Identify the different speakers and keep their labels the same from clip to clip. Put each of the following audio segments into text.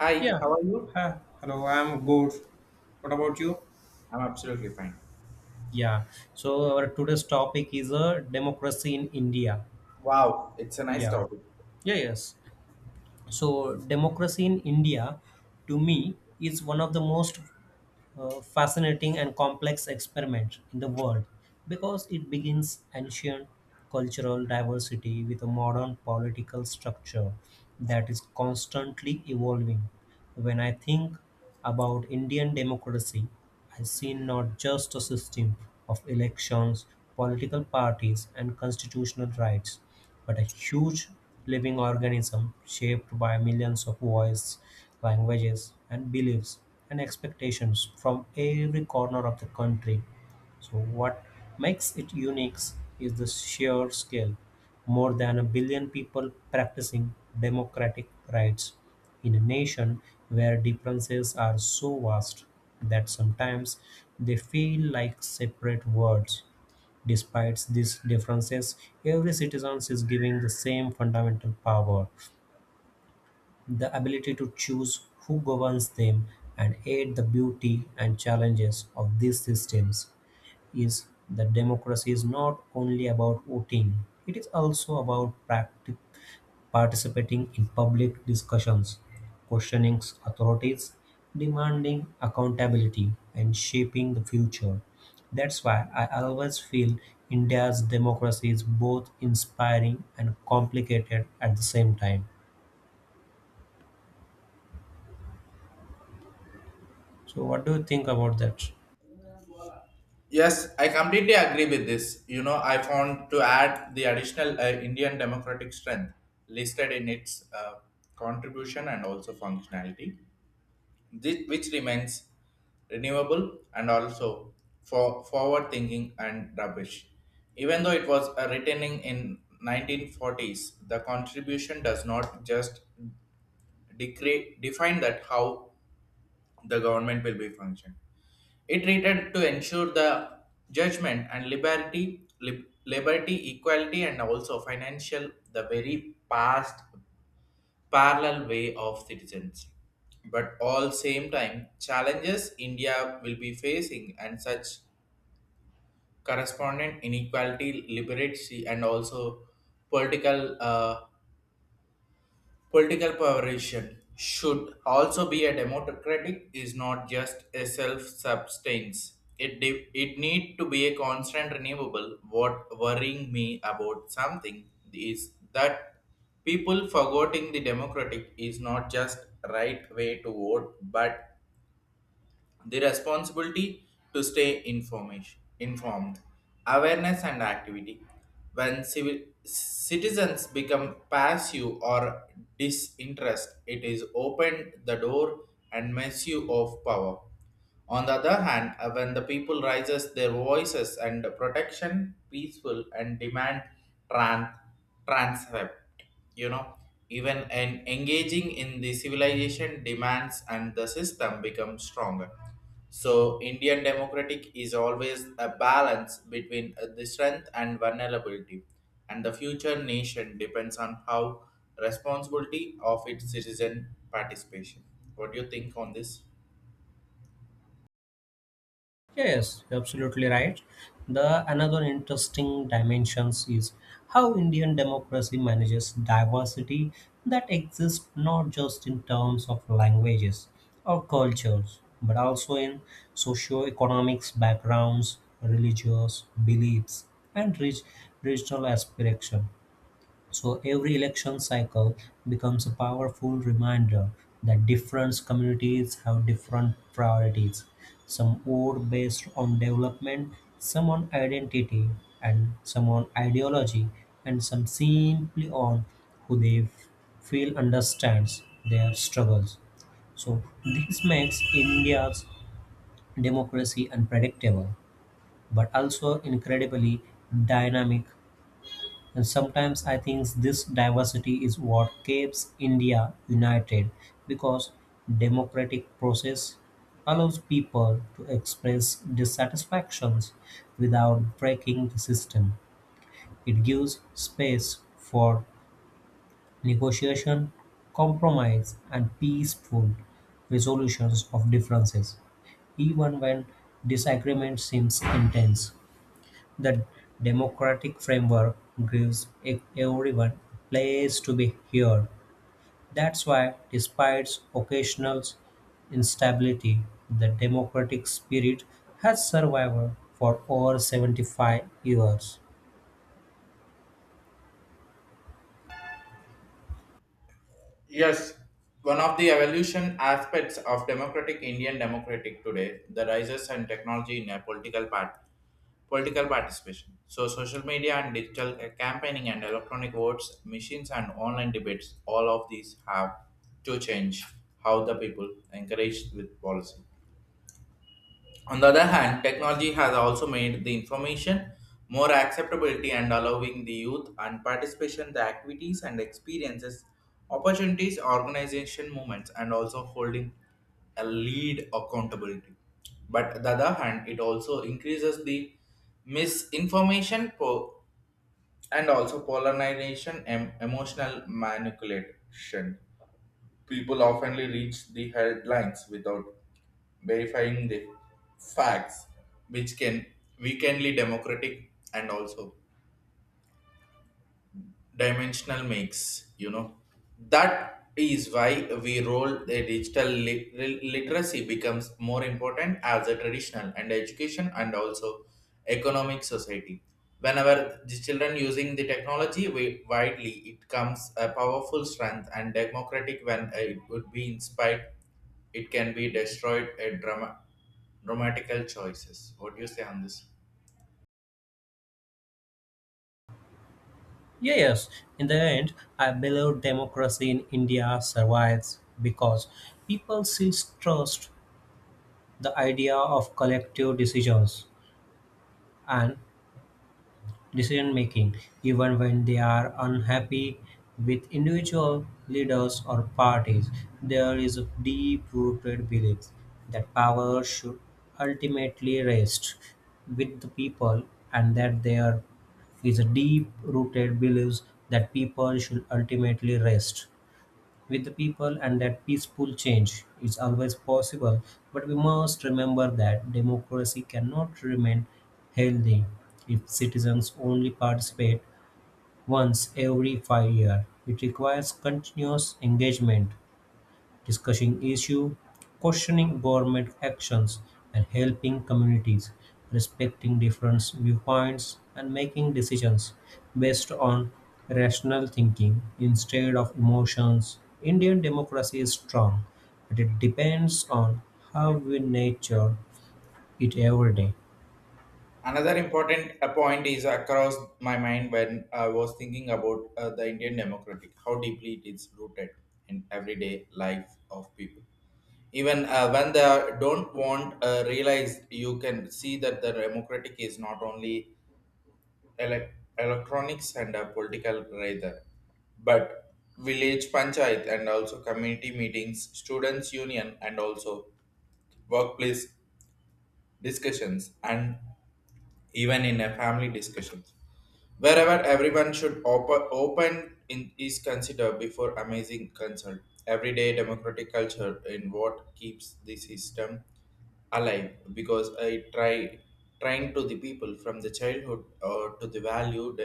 Speaker 1: Hi,
Speaker 2: Yeah.
Speaker 1: how are you?
Speaker 2: Huh. Hello, I'm good. What about you?
Speaker 1: I'm absolutely fine.
Speaker 2: Yeah. So our today's topic is a democracy in India.
Speaker 1: Wow, it's a nice
Speaker 2: Yeah.
Speaker 1: topic.
Speaker 2: Yeah, yes. So democracy in India to me is one of the most fascinating and complex experiment in the world because it begins ancient cultural diversity with a modern political structure that is constantly evolving. When I think about Indian democracy, I see not just a system of elections, political parties, and constitutional rights, but a huge living organism shaped by millions of voices, languages, and beliefs and expectations from every corner of the country. So what makes it unique is the sheer scale. More than a billion people practicing democratic rights in a nation where differences are so vast that sometimes they feel like separate worlds. Despite these differences, every citizen is given the same fundamental power, the ability to choose who governs them, and aid the beauty and challenges of these systems is that democracy is not only about voting. It is also about participating in public discussions, questioning authorities, demanding accountability, and shaping the future. That's why I always feel India's democracy is both inspiring and complicated at the same time. So what do you think about that?
Speaker 1: Yes, I completely agree with this. You know, I found to add the additional Indian democratic strength listed in its contribution and also functionality, this, which remains renewable and also for forward thinking and rubbish. Even though it was written in 1940s, the contribution does not just decree, define that how the government will be function. It treated to ensure the judgment and liberty, liberty, equality, and also financial, the very past parallel way of citizens. But all same time, challenges India will be facing and such correspondent inequality, liberty, and also political political perversion should also be a democratic is not just a self-substance. It, it need to be a constant renewable. What worrying me about something is that people forgetting the democratic is not just right way to vote, but the responsibility to stay information, informed, awareness, and activity. When civil, citizens become passive or disinterest, it is opened the door and misuse of power. On the other hand, when the people raises their voices and protection, peaceful and demand trans transcript, you know, even in engaging in the civilization demands and the system becomes stronger. So Indian democratic is always a balance between the strength and vulnerability, and the future nation depends on how responsibility of its citizen participation. What do you think on this?
Speaker 2: Yes, you're absolutely right. The another interesting dimensions is how Indian democracy manages diversity that exists not just in terms of languages or cultures, but also in socio-economics backgrounds, religious beliefs, and rich regional aspiration. So every election cycle becomes a powerful reminder that different communities have different priorities. Some vote based on development, some on identity, and some on ideology, and some simply on who feel understands their struggles. So this makes India's democracy unpredictable, but also incredibly dynamic. And sometimes I think this diversity is what keeps India united because democratic process allows people to express dissatisfactions without breaking the system. It gives space for negotiation, compromise, and peaceful resolutions of differences, even when disagreement seems intense. The democratic framework gives everyone place to be heard. That's why, despite occasional instability, the democratic spirit has survived for over 75 years.
Speaker 1: Yes, one of the evolution aspects of democratic Indian democratic today, the rises and technology in a political part, political participation. So social media and digital campaigning and electronic votes, machines and online debates, all of these have to change how the people encourage with policy. On the other hand, technology has also made the information more acceptability and allowing the youth and participation the activities and experiences, opportunities, organization movements, and also holding a lead accountability. But on the other hand, it also increases the misinformation and also polarization and emotional manipulation. People oftenly reach the headlines without verifying the facts, which can weakenly democratic and also dimensional mix, you know, that is why we roll the digital literacy becomes more important as a traditional and education and also economic society. Whenever the children using the technology widely, it comes a powerful strength and democratic. When it would be inspired, it can be destroyed at dramatical choices. What do you say on this?
Speaker 2: Yes, in the end, I believe democracy in India survives because people still trust the idea of collective decisions and decision making, even when they are unhappy with individual leaders or parties. There is a deep rooted belief that power should ultimately rest with the people, and that there is a deep rooted belief that people should ultimately rest with the people, and that peaceful change is always possible. But we must remember that democracy cannot remain healthy if citizens only participate once every 5 years. It requires continuous engagement, discussing issues, questioning government actions, and helping communities, respecting different viewpoints, and making decisions based on rational thinking instead of emotions. Indian democracy is strong, but it depends on how we nurture it every day.
Speaker 1: Another important point is across my mind when I was thinking about the Indian democratic, how deeply it is rooted in everyday life of people. Even when they don't want realize, you can see that the democratic is not only elec electronics and political rather, but village panchayat and also community meetings, students union, and also workplace discussions and even in a family discussions. Wherever everyone should open in, is considered before amazing consult. Everyday democratic culture in what keeps the system alive because I trying to the people from the childhood or to the valued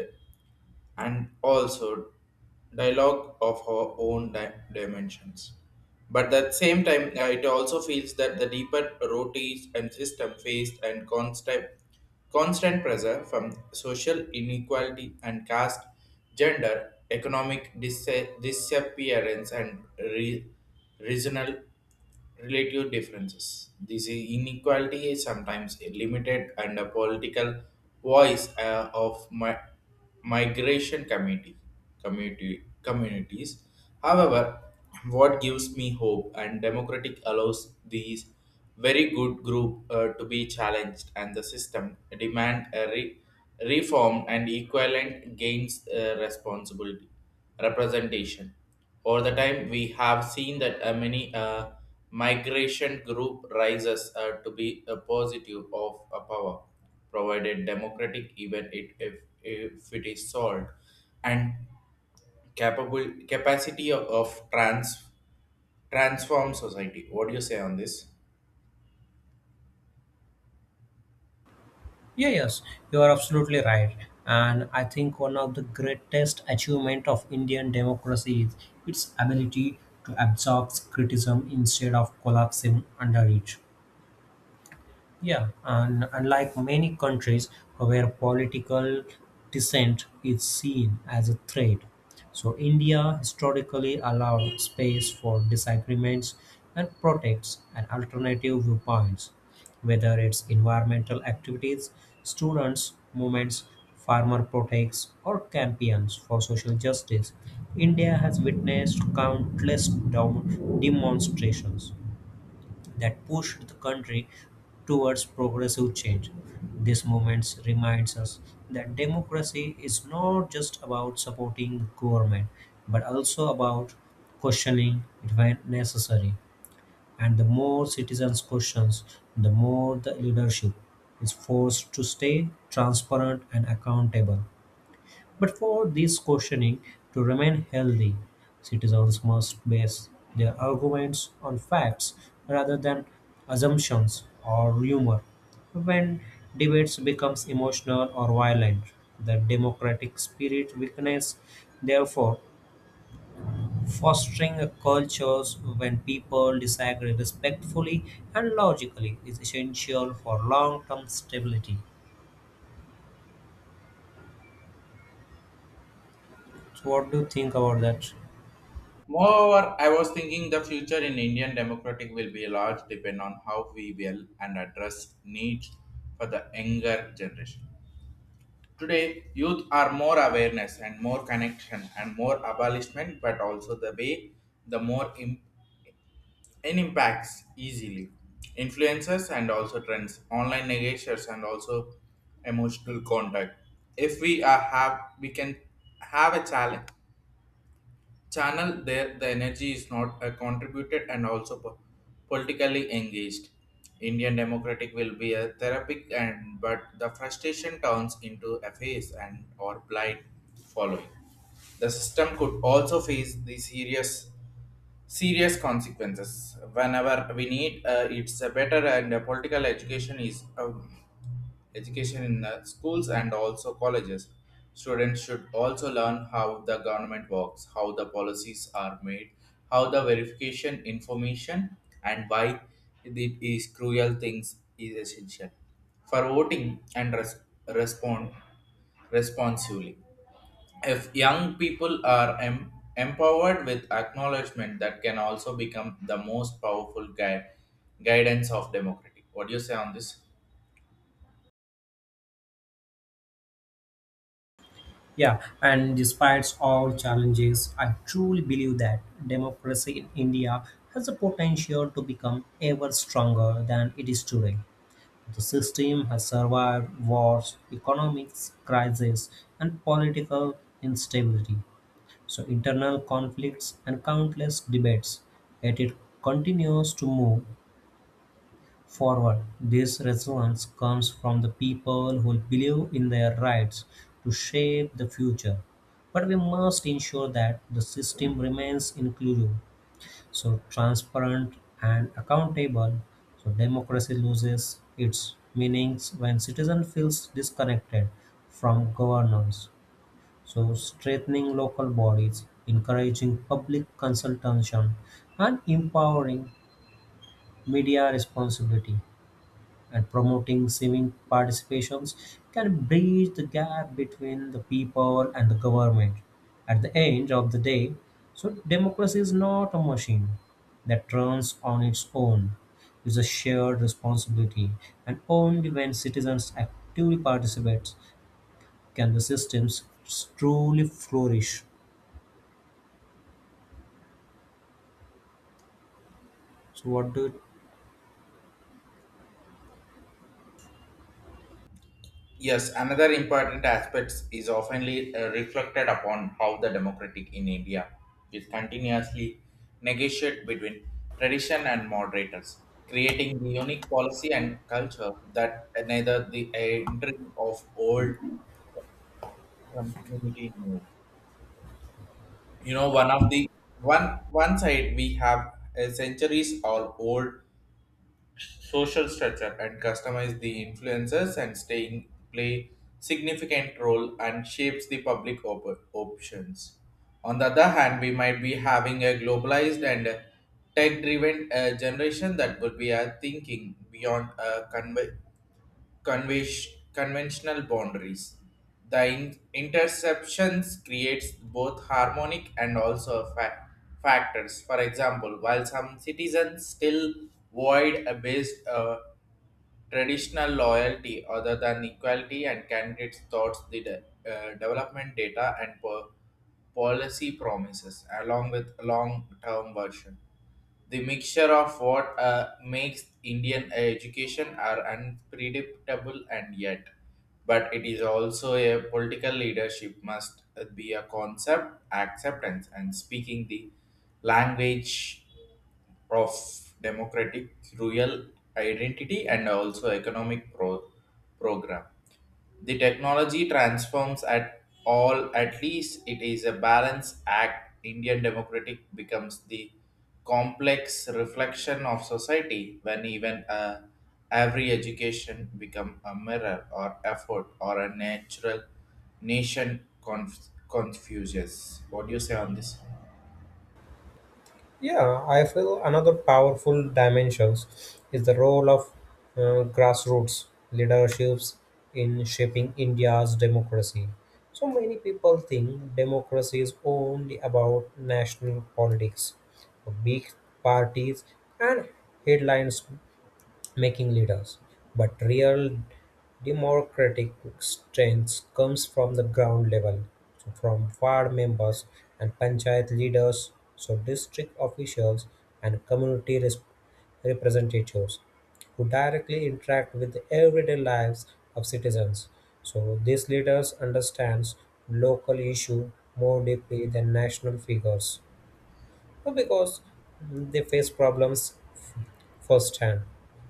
Speaker 1: and also dialogue of her own dimensions. But at the same time, it also feels that the deeper rotis and system faced and constant pressure from social inequality and caste, gender, economic disappearance, and regional relative differences. This inequality is sometimes limited and a political voice of migration community, communities. However, what gives me hope and democratic allows these very good group to be challenged and the system demand a reform and equivalent gains responsibility representation over the time. We have seen that many migration group rises to be a positive of a power, provided democratic, even it, if it is solved, and capable capacity of transform society. What do you say on this?
Speaker 2: Yeah, yes, you are absolutely right. And I think one of the greatest achievement of Indian democracy is its ability to absorb criticism instead of collapsing under it. Yeah, and unlike many countries where political dissent is seen as a threat, so India historically allowed space for disagreements and protects and alternative viewpoints, whether it's environmental activities, students' movements, farmer protests, or campaigns for social justice. India has witnessed countless demonstrations that pushed the country towards progressive change. This movement reminds us that democracy is not just about supporting the government, but also about questioning it when necessary. And the more citizens questions, the more the leadership is forced to stay transparent and accountable. But for this questioning to remain healthy, citizens must base their arguments on facts rather than assumptions or rumor. When debates becomes emotional or violent, the democratic spirit weakens. Therefore, fostering a culture when people disagree respectfully and logically is essential for long-term stability. So, what do you think about that?
Speaker 1: Moreover, I was thinking the future in Indian democratic will be large depend on how we will and address needs for the younger generation. Today, youth are more awareness and more connection and more abolishment, but also the way the more in impacts easily. Influencers and also trends, online negotiators and also emotional contact. If we are have, we can have a challenge channel there the energy is not contributed and also politically engaged. Indian democratic will be a therapeutic. And but the frustration turns into a phase and or blind following, the system could also face the serious consequences. Whenever we need, it's a better and political education is education in schools and also colleges. Students should also learn how the government works, how the policies are made, how the verification information, and why it is cruel things is essential for voting and respond responsibly. If young people are empowered with acknowledgement, that can also become the most powerful guide guidance of democracy. What do you say on this?
Speaker 2: Yeah, and despite all challenges, I truly believe that democracy in India has the potential to become ever stronger than it is today. The system has survived wars, economic crises, and political instability, so internal conflicts and countless debates, yet it continues to move forward. This resilience comes from the people who believe in their rights to shape the future. But we must ensure that the system remains inclusive, so transparent and accountable, so democracy loses its meanings when citizen feels disconnected from governance. So strengthening local bodies, encouraging public consultation, and empowering media responsibility and promoting civic participations can bridge the gap between the people and the government. At the end of the day, so democracy is not a machine that runs on its own. It's a shared responsibility, and only when citizens actively participate can the systems truly flourish. So, what do
Speaker 1: Yes, another important aspect is oftenly reflected upon how the democratic in India is continuously negotiated between tradition and moderators, creating the unique policy and culture that neither the entering of old community knew. You know, one of the one side we have a centuries or old social structure and customize the influences and staying play significant role and shapes the public options. On the other hand, we might be having a globalized and tech driven generation that would be thinking beyond conve- conventional boundaries. The interceptions creates both harmonic and also factors. For example, while some citizens still void a based traditional loyalty other than equality and candidates thoughts the development data and policy promises along with long-term version. The mixture of what makes Indian education are unpredictable and yet, but it is also a political leadership must be a concept, acceptance, and speaking the language of democratic, rural identity, and also economic program. The technology transforms at all, at least it is a balance act. Indian democratic becomes the complex reflection of society when even every education become a mirror or effort or a natural nation confuses. What do you say on this?
Speaker 2: Yeah, I feel another powerful dimensions is the role of grassroots leaderships in shaping India's democracy. So many people think democracy is only about national politics, big parties, and headlines making leaders, but real democratic strength comes from the ground level, so from ward members and panchayat leaders, so district officials and community representatives who directly interact with the everyday lives of citizens. So these leaders understands local issue more deeply than national figures. Well, because they face problems firsthand.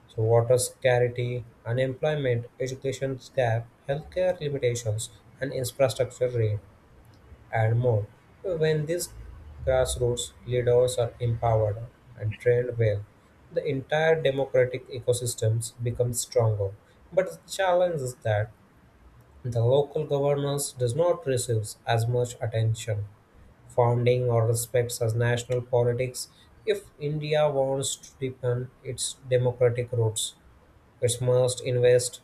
Speaker 2: So, water scarcity, unemployment, education gap, healthcare limitations, and infrastructure drain, and more. So, when these grassroots leaders are empowered and trained well, the entire democratic ecosystems become stronger. But the challenge is that the local governance does not receive as much attention founding or respects as national politics. If India wants to deepen its democratic roots, it must invest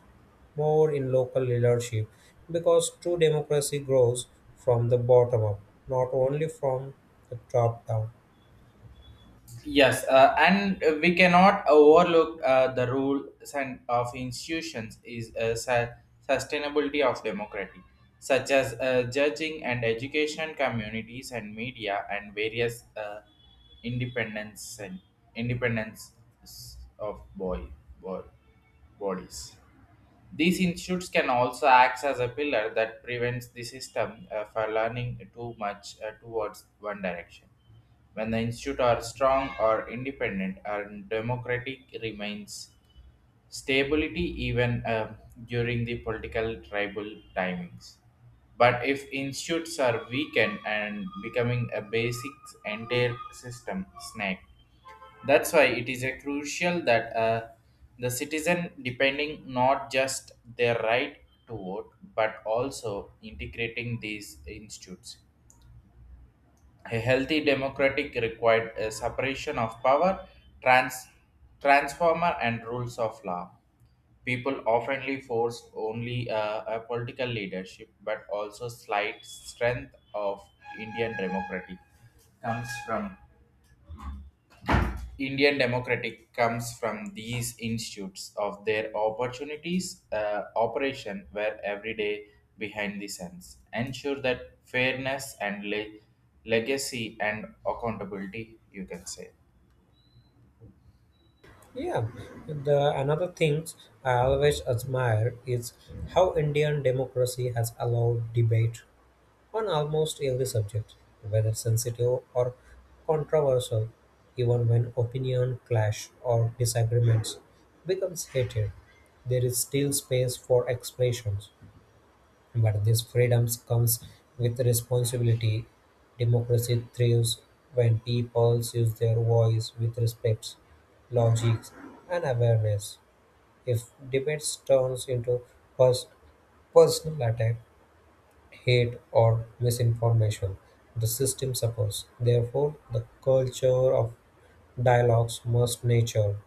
Speaker 2: more in local leadership because true democracy grows from the bottom up, not only from the top down.
Speaker 1: Yes, and we cannot overlook the roles and of institutions is sustainability of democracy, such as judging and education communities and media and various independence and independence of boy, boy bodies. These institutes can also act as a pillar that prevents the system for learning too much towards one direction. When the institute are strong or independent and democratic remains stability even during the political tribal timings. But if institutes are weakened and becoming a basic entire system snake, that's why it is a crucial that the citizen depending not just their right to vote but also integrating these institutes. A healthy democratic required a separation of power, trans, transformer and rules of law. People oftenly force only a political leadership but also slight strength of Indian democracy comes from Indian democratic comes from these institutes of their opportunities operation where every day behind the scenes ensure that fairness and legacy and accountability, you can say.
Speaker 2: Yeah, the another thing I always admire is how Indian democracy has allowed debate on almost every subject, whether sensitive or controversial, even when opinion clash or disagreements becomes heated, there is still space for expressions. But this freedoms comes with responsibility. Democracy thrives when people use their voice with respect, logic, and awareness. If debates turns into pers- personal attack, hate, or misinformation, the system suffers. Therefore, the culture of dialogues must nature,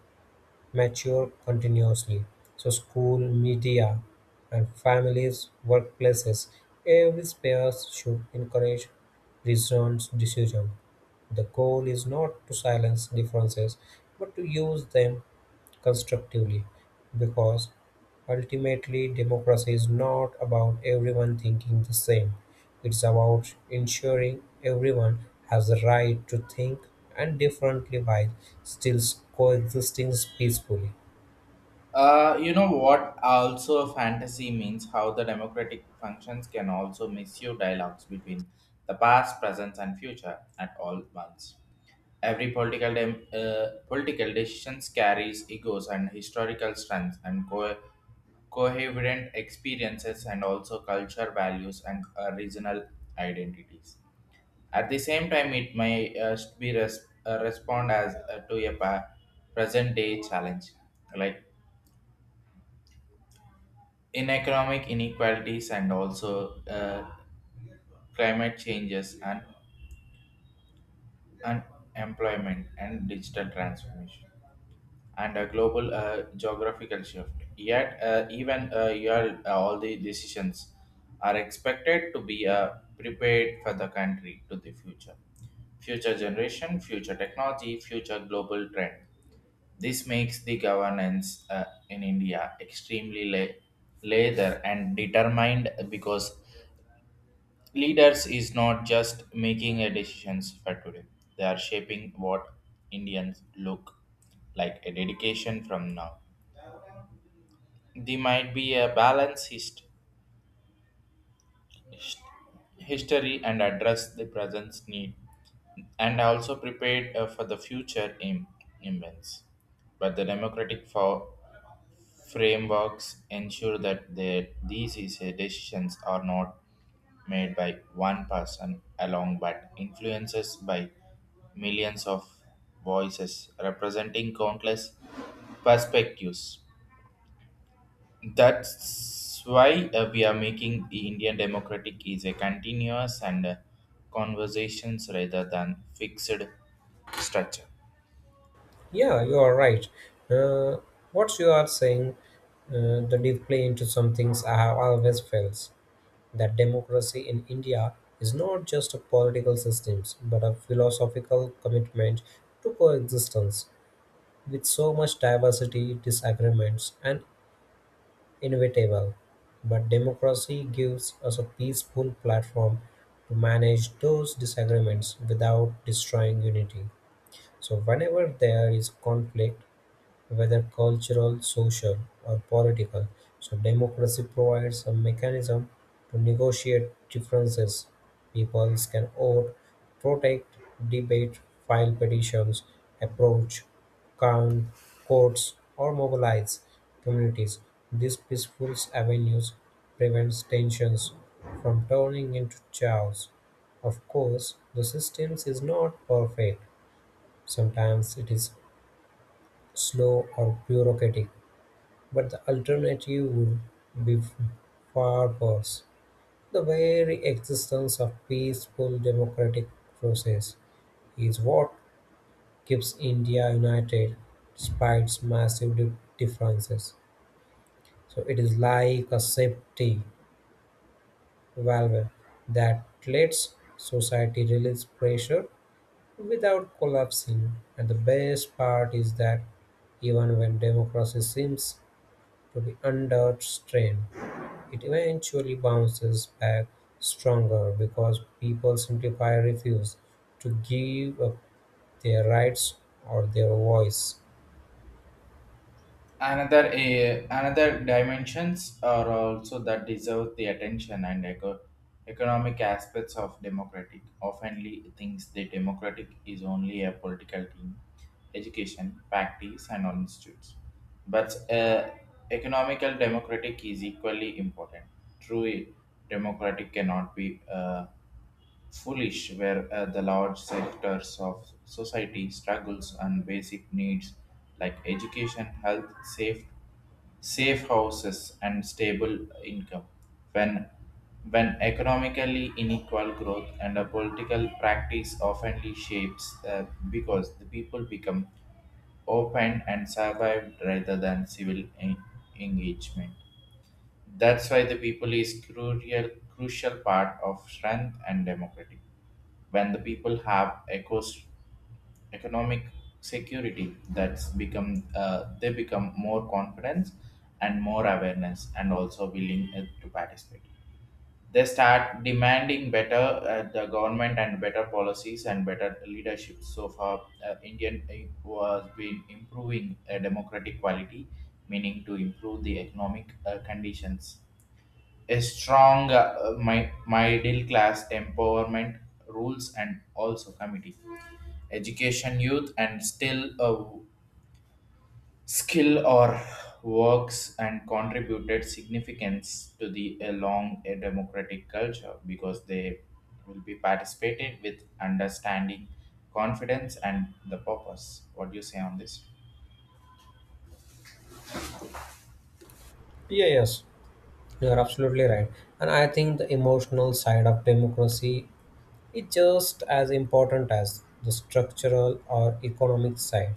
Speaker 2: mature continuously. So, school, media, and families, workplaces, every space should encourage reasoned decision. The goal is not to silence differences, but to use them constructively, because ultimately democracy is not about everyone thinking the same. It's about ensuring everyone has the right to think and differently while still coexisting peacefully.
Speaker 1: You know what also fantasy means how the democratic functions can also misuse dialogues between the past, present and future at all once. Every political political decisions carries egos and historical strengths and coherent experiences and also culture values and regional identities. At the same time, it may be respond as to a present day challenge like in economic inequalities and also climate changes and unemployment and digital transformation, and a global geographical shift. Yet, all the decisions are expected to be prepared for the country to the future, future generation, future technology, future global trend. This makes the governance in India extremely later and determined because leaders is not just making a decisions for today. They are shaping what Indians look like a dedication from now. There might be a balanced hist- history and address the present's need, and also prepared for the future immense. But the democratic frameworks ensure that decisions are not made by one person alone, but influences by millions of voices representing countless perspectives. That's why we are making the Indian democratic is a continuous and conversations rather than fixed structure.
Speaker 2: Yeah, you are right. Uh, what you are saying, the deep play into some things I have always felt that democracy in India is not just a political system but a philosophical commitment to coexistence. With so much diversity, disagreements are inevitable, but democracy gives us a peaceful platform to manage those disagreements without destroying unity. So, whenever there is conflict, whether cultural, social, or political, so democracy provides a mechanism to negotiate differences. People can vote, protect, debate, file petitions, approach, count, courts, or mobilize communities. These peaceful avenues prevents tensions from turning into chaos. Of course, the system is not perfect. Sometimes it is slow or bureaucratic, but the alternative would be far worse: the very existence of peaceful democratic process is what keeps India united despite its massive differences. So it is like a safety valve that lets society release pressure without collapsing. And the best part is that even when democracy seems to be under strain, it eventually bounces back stronger because people simply refuse to give up their rights or their voice.
Speaker 1: Another dimensions are also that deserve the attention and economic aspects of democratic oftenly thinks the democratic is only a political team education parties and all institutes, but economical democratic is equally important. True, democratic cannot be foolish where the large sectors of society struggles on basic needs like education, health, safe houses and stable income. when when economically unequal growth and a political practice often shapes, because the people become open and survived rather than civil engagement. That's why the people is crucial part of strength and democratic. When the people have economic security, that's become they become more confidence and more awareness and also willing to participate. They start demanding better, the government and better policies and better leadership. So far indian was been improving democratic quality meaning to improve the economic conditions, a strong middle class empowerment rules and also committee education youth and still a skill or works and contributed significance to the along a democratic culture because they will be participated with understanding confidence and the purpose. What do you say on this?
Speaker 2: Yeah, yes, you are absolutely right. And I think the emotional side of democracy is just as important as the structural or economic side.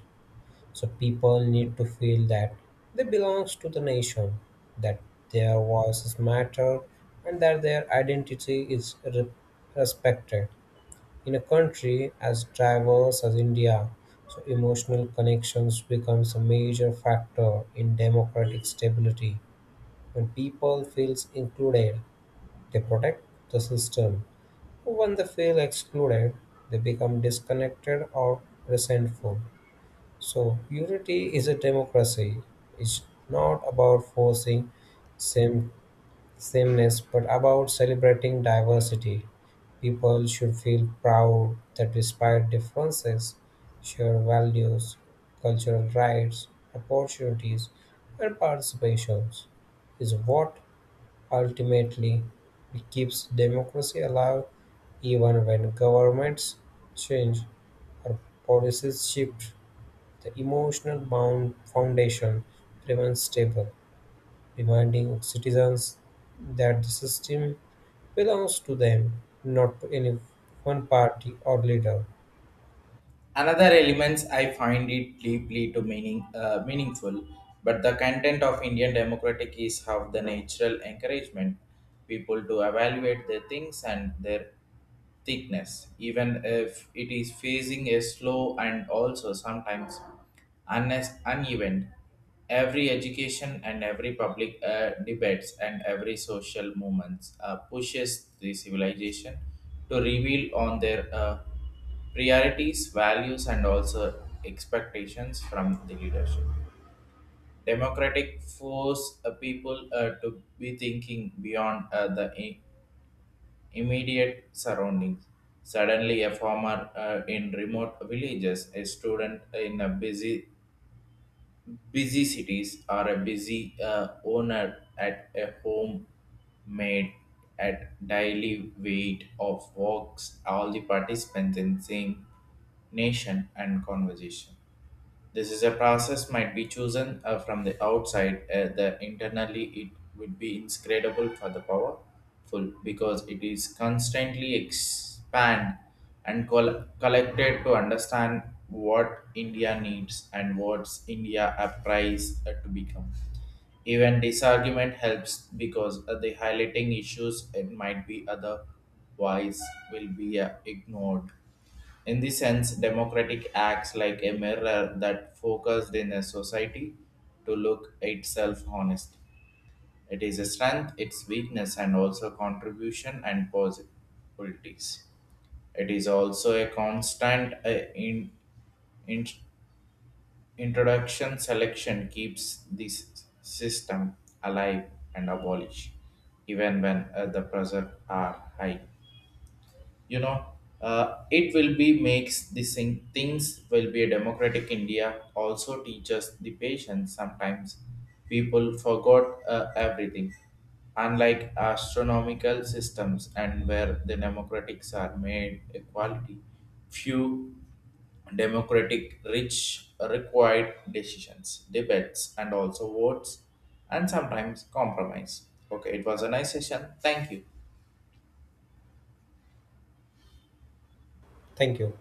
Speaker 2: So people need to feel that they belong to the nation, that their voices matter, and that their identity is respected. In a country as diverse as India, so emotional connections becomes a major factor in democratic stability. When people feels included, they protect the system. When they feel excluded, they become disconnected or resentful. So unity is a democracy. It's not about forcing same sameness, but about celebrating diversity. People should feel proud that despite differences, shared values, cultural rights, opportunities, and participations is what ultimately keeps democracy alive even when governments change or policies shift. The emotional bound foundation remains stable, reminding citizens that the system belongs to them, not to any one party or leader.
Speaker 1: Another elements I find it deeply to meaningful, but the content of Indian democratic is how the natural encouragement people to evaluate their things and their thickness, even if it is facing a slow and also sometimes uneven. Every education and every public debates and every social movements pushes the civilization to reveal on their priorities, values, and also expectations from the leadership. Democratic force people to be thinking beyond the immediate surroundings. Suddenly, a farmer in remote villages, a student in a busy cities, or a busy owner at a home made at daily weight of works all the participants in same nation and conversation. This is a process might be chosen from the outside. The internally it would be inscrutable for the powerful because it is constantly expand and collected to understand what India needs and what's India applies to become. Even this argument helps because the highlighting issues it might be otherwise will be ignored. In this sense, democratic acts like a mirror that focused in a society to look itself honest. It is a strength, its weakness, and also contribution and possibilities. It is also a constant in, in, introduction selection keeps this system alive and abolished, even when the pressure are high. You know, it will be makes the things will be a democratic india also teaches the patience. Sometimes people forgot everything unlike astronomical systems and where the democratics are made equality few democratic rich required decisions debates and also votes and sometimes compromise. Okay, it was a nice session. Thank you.
Speaker 2: Thank you.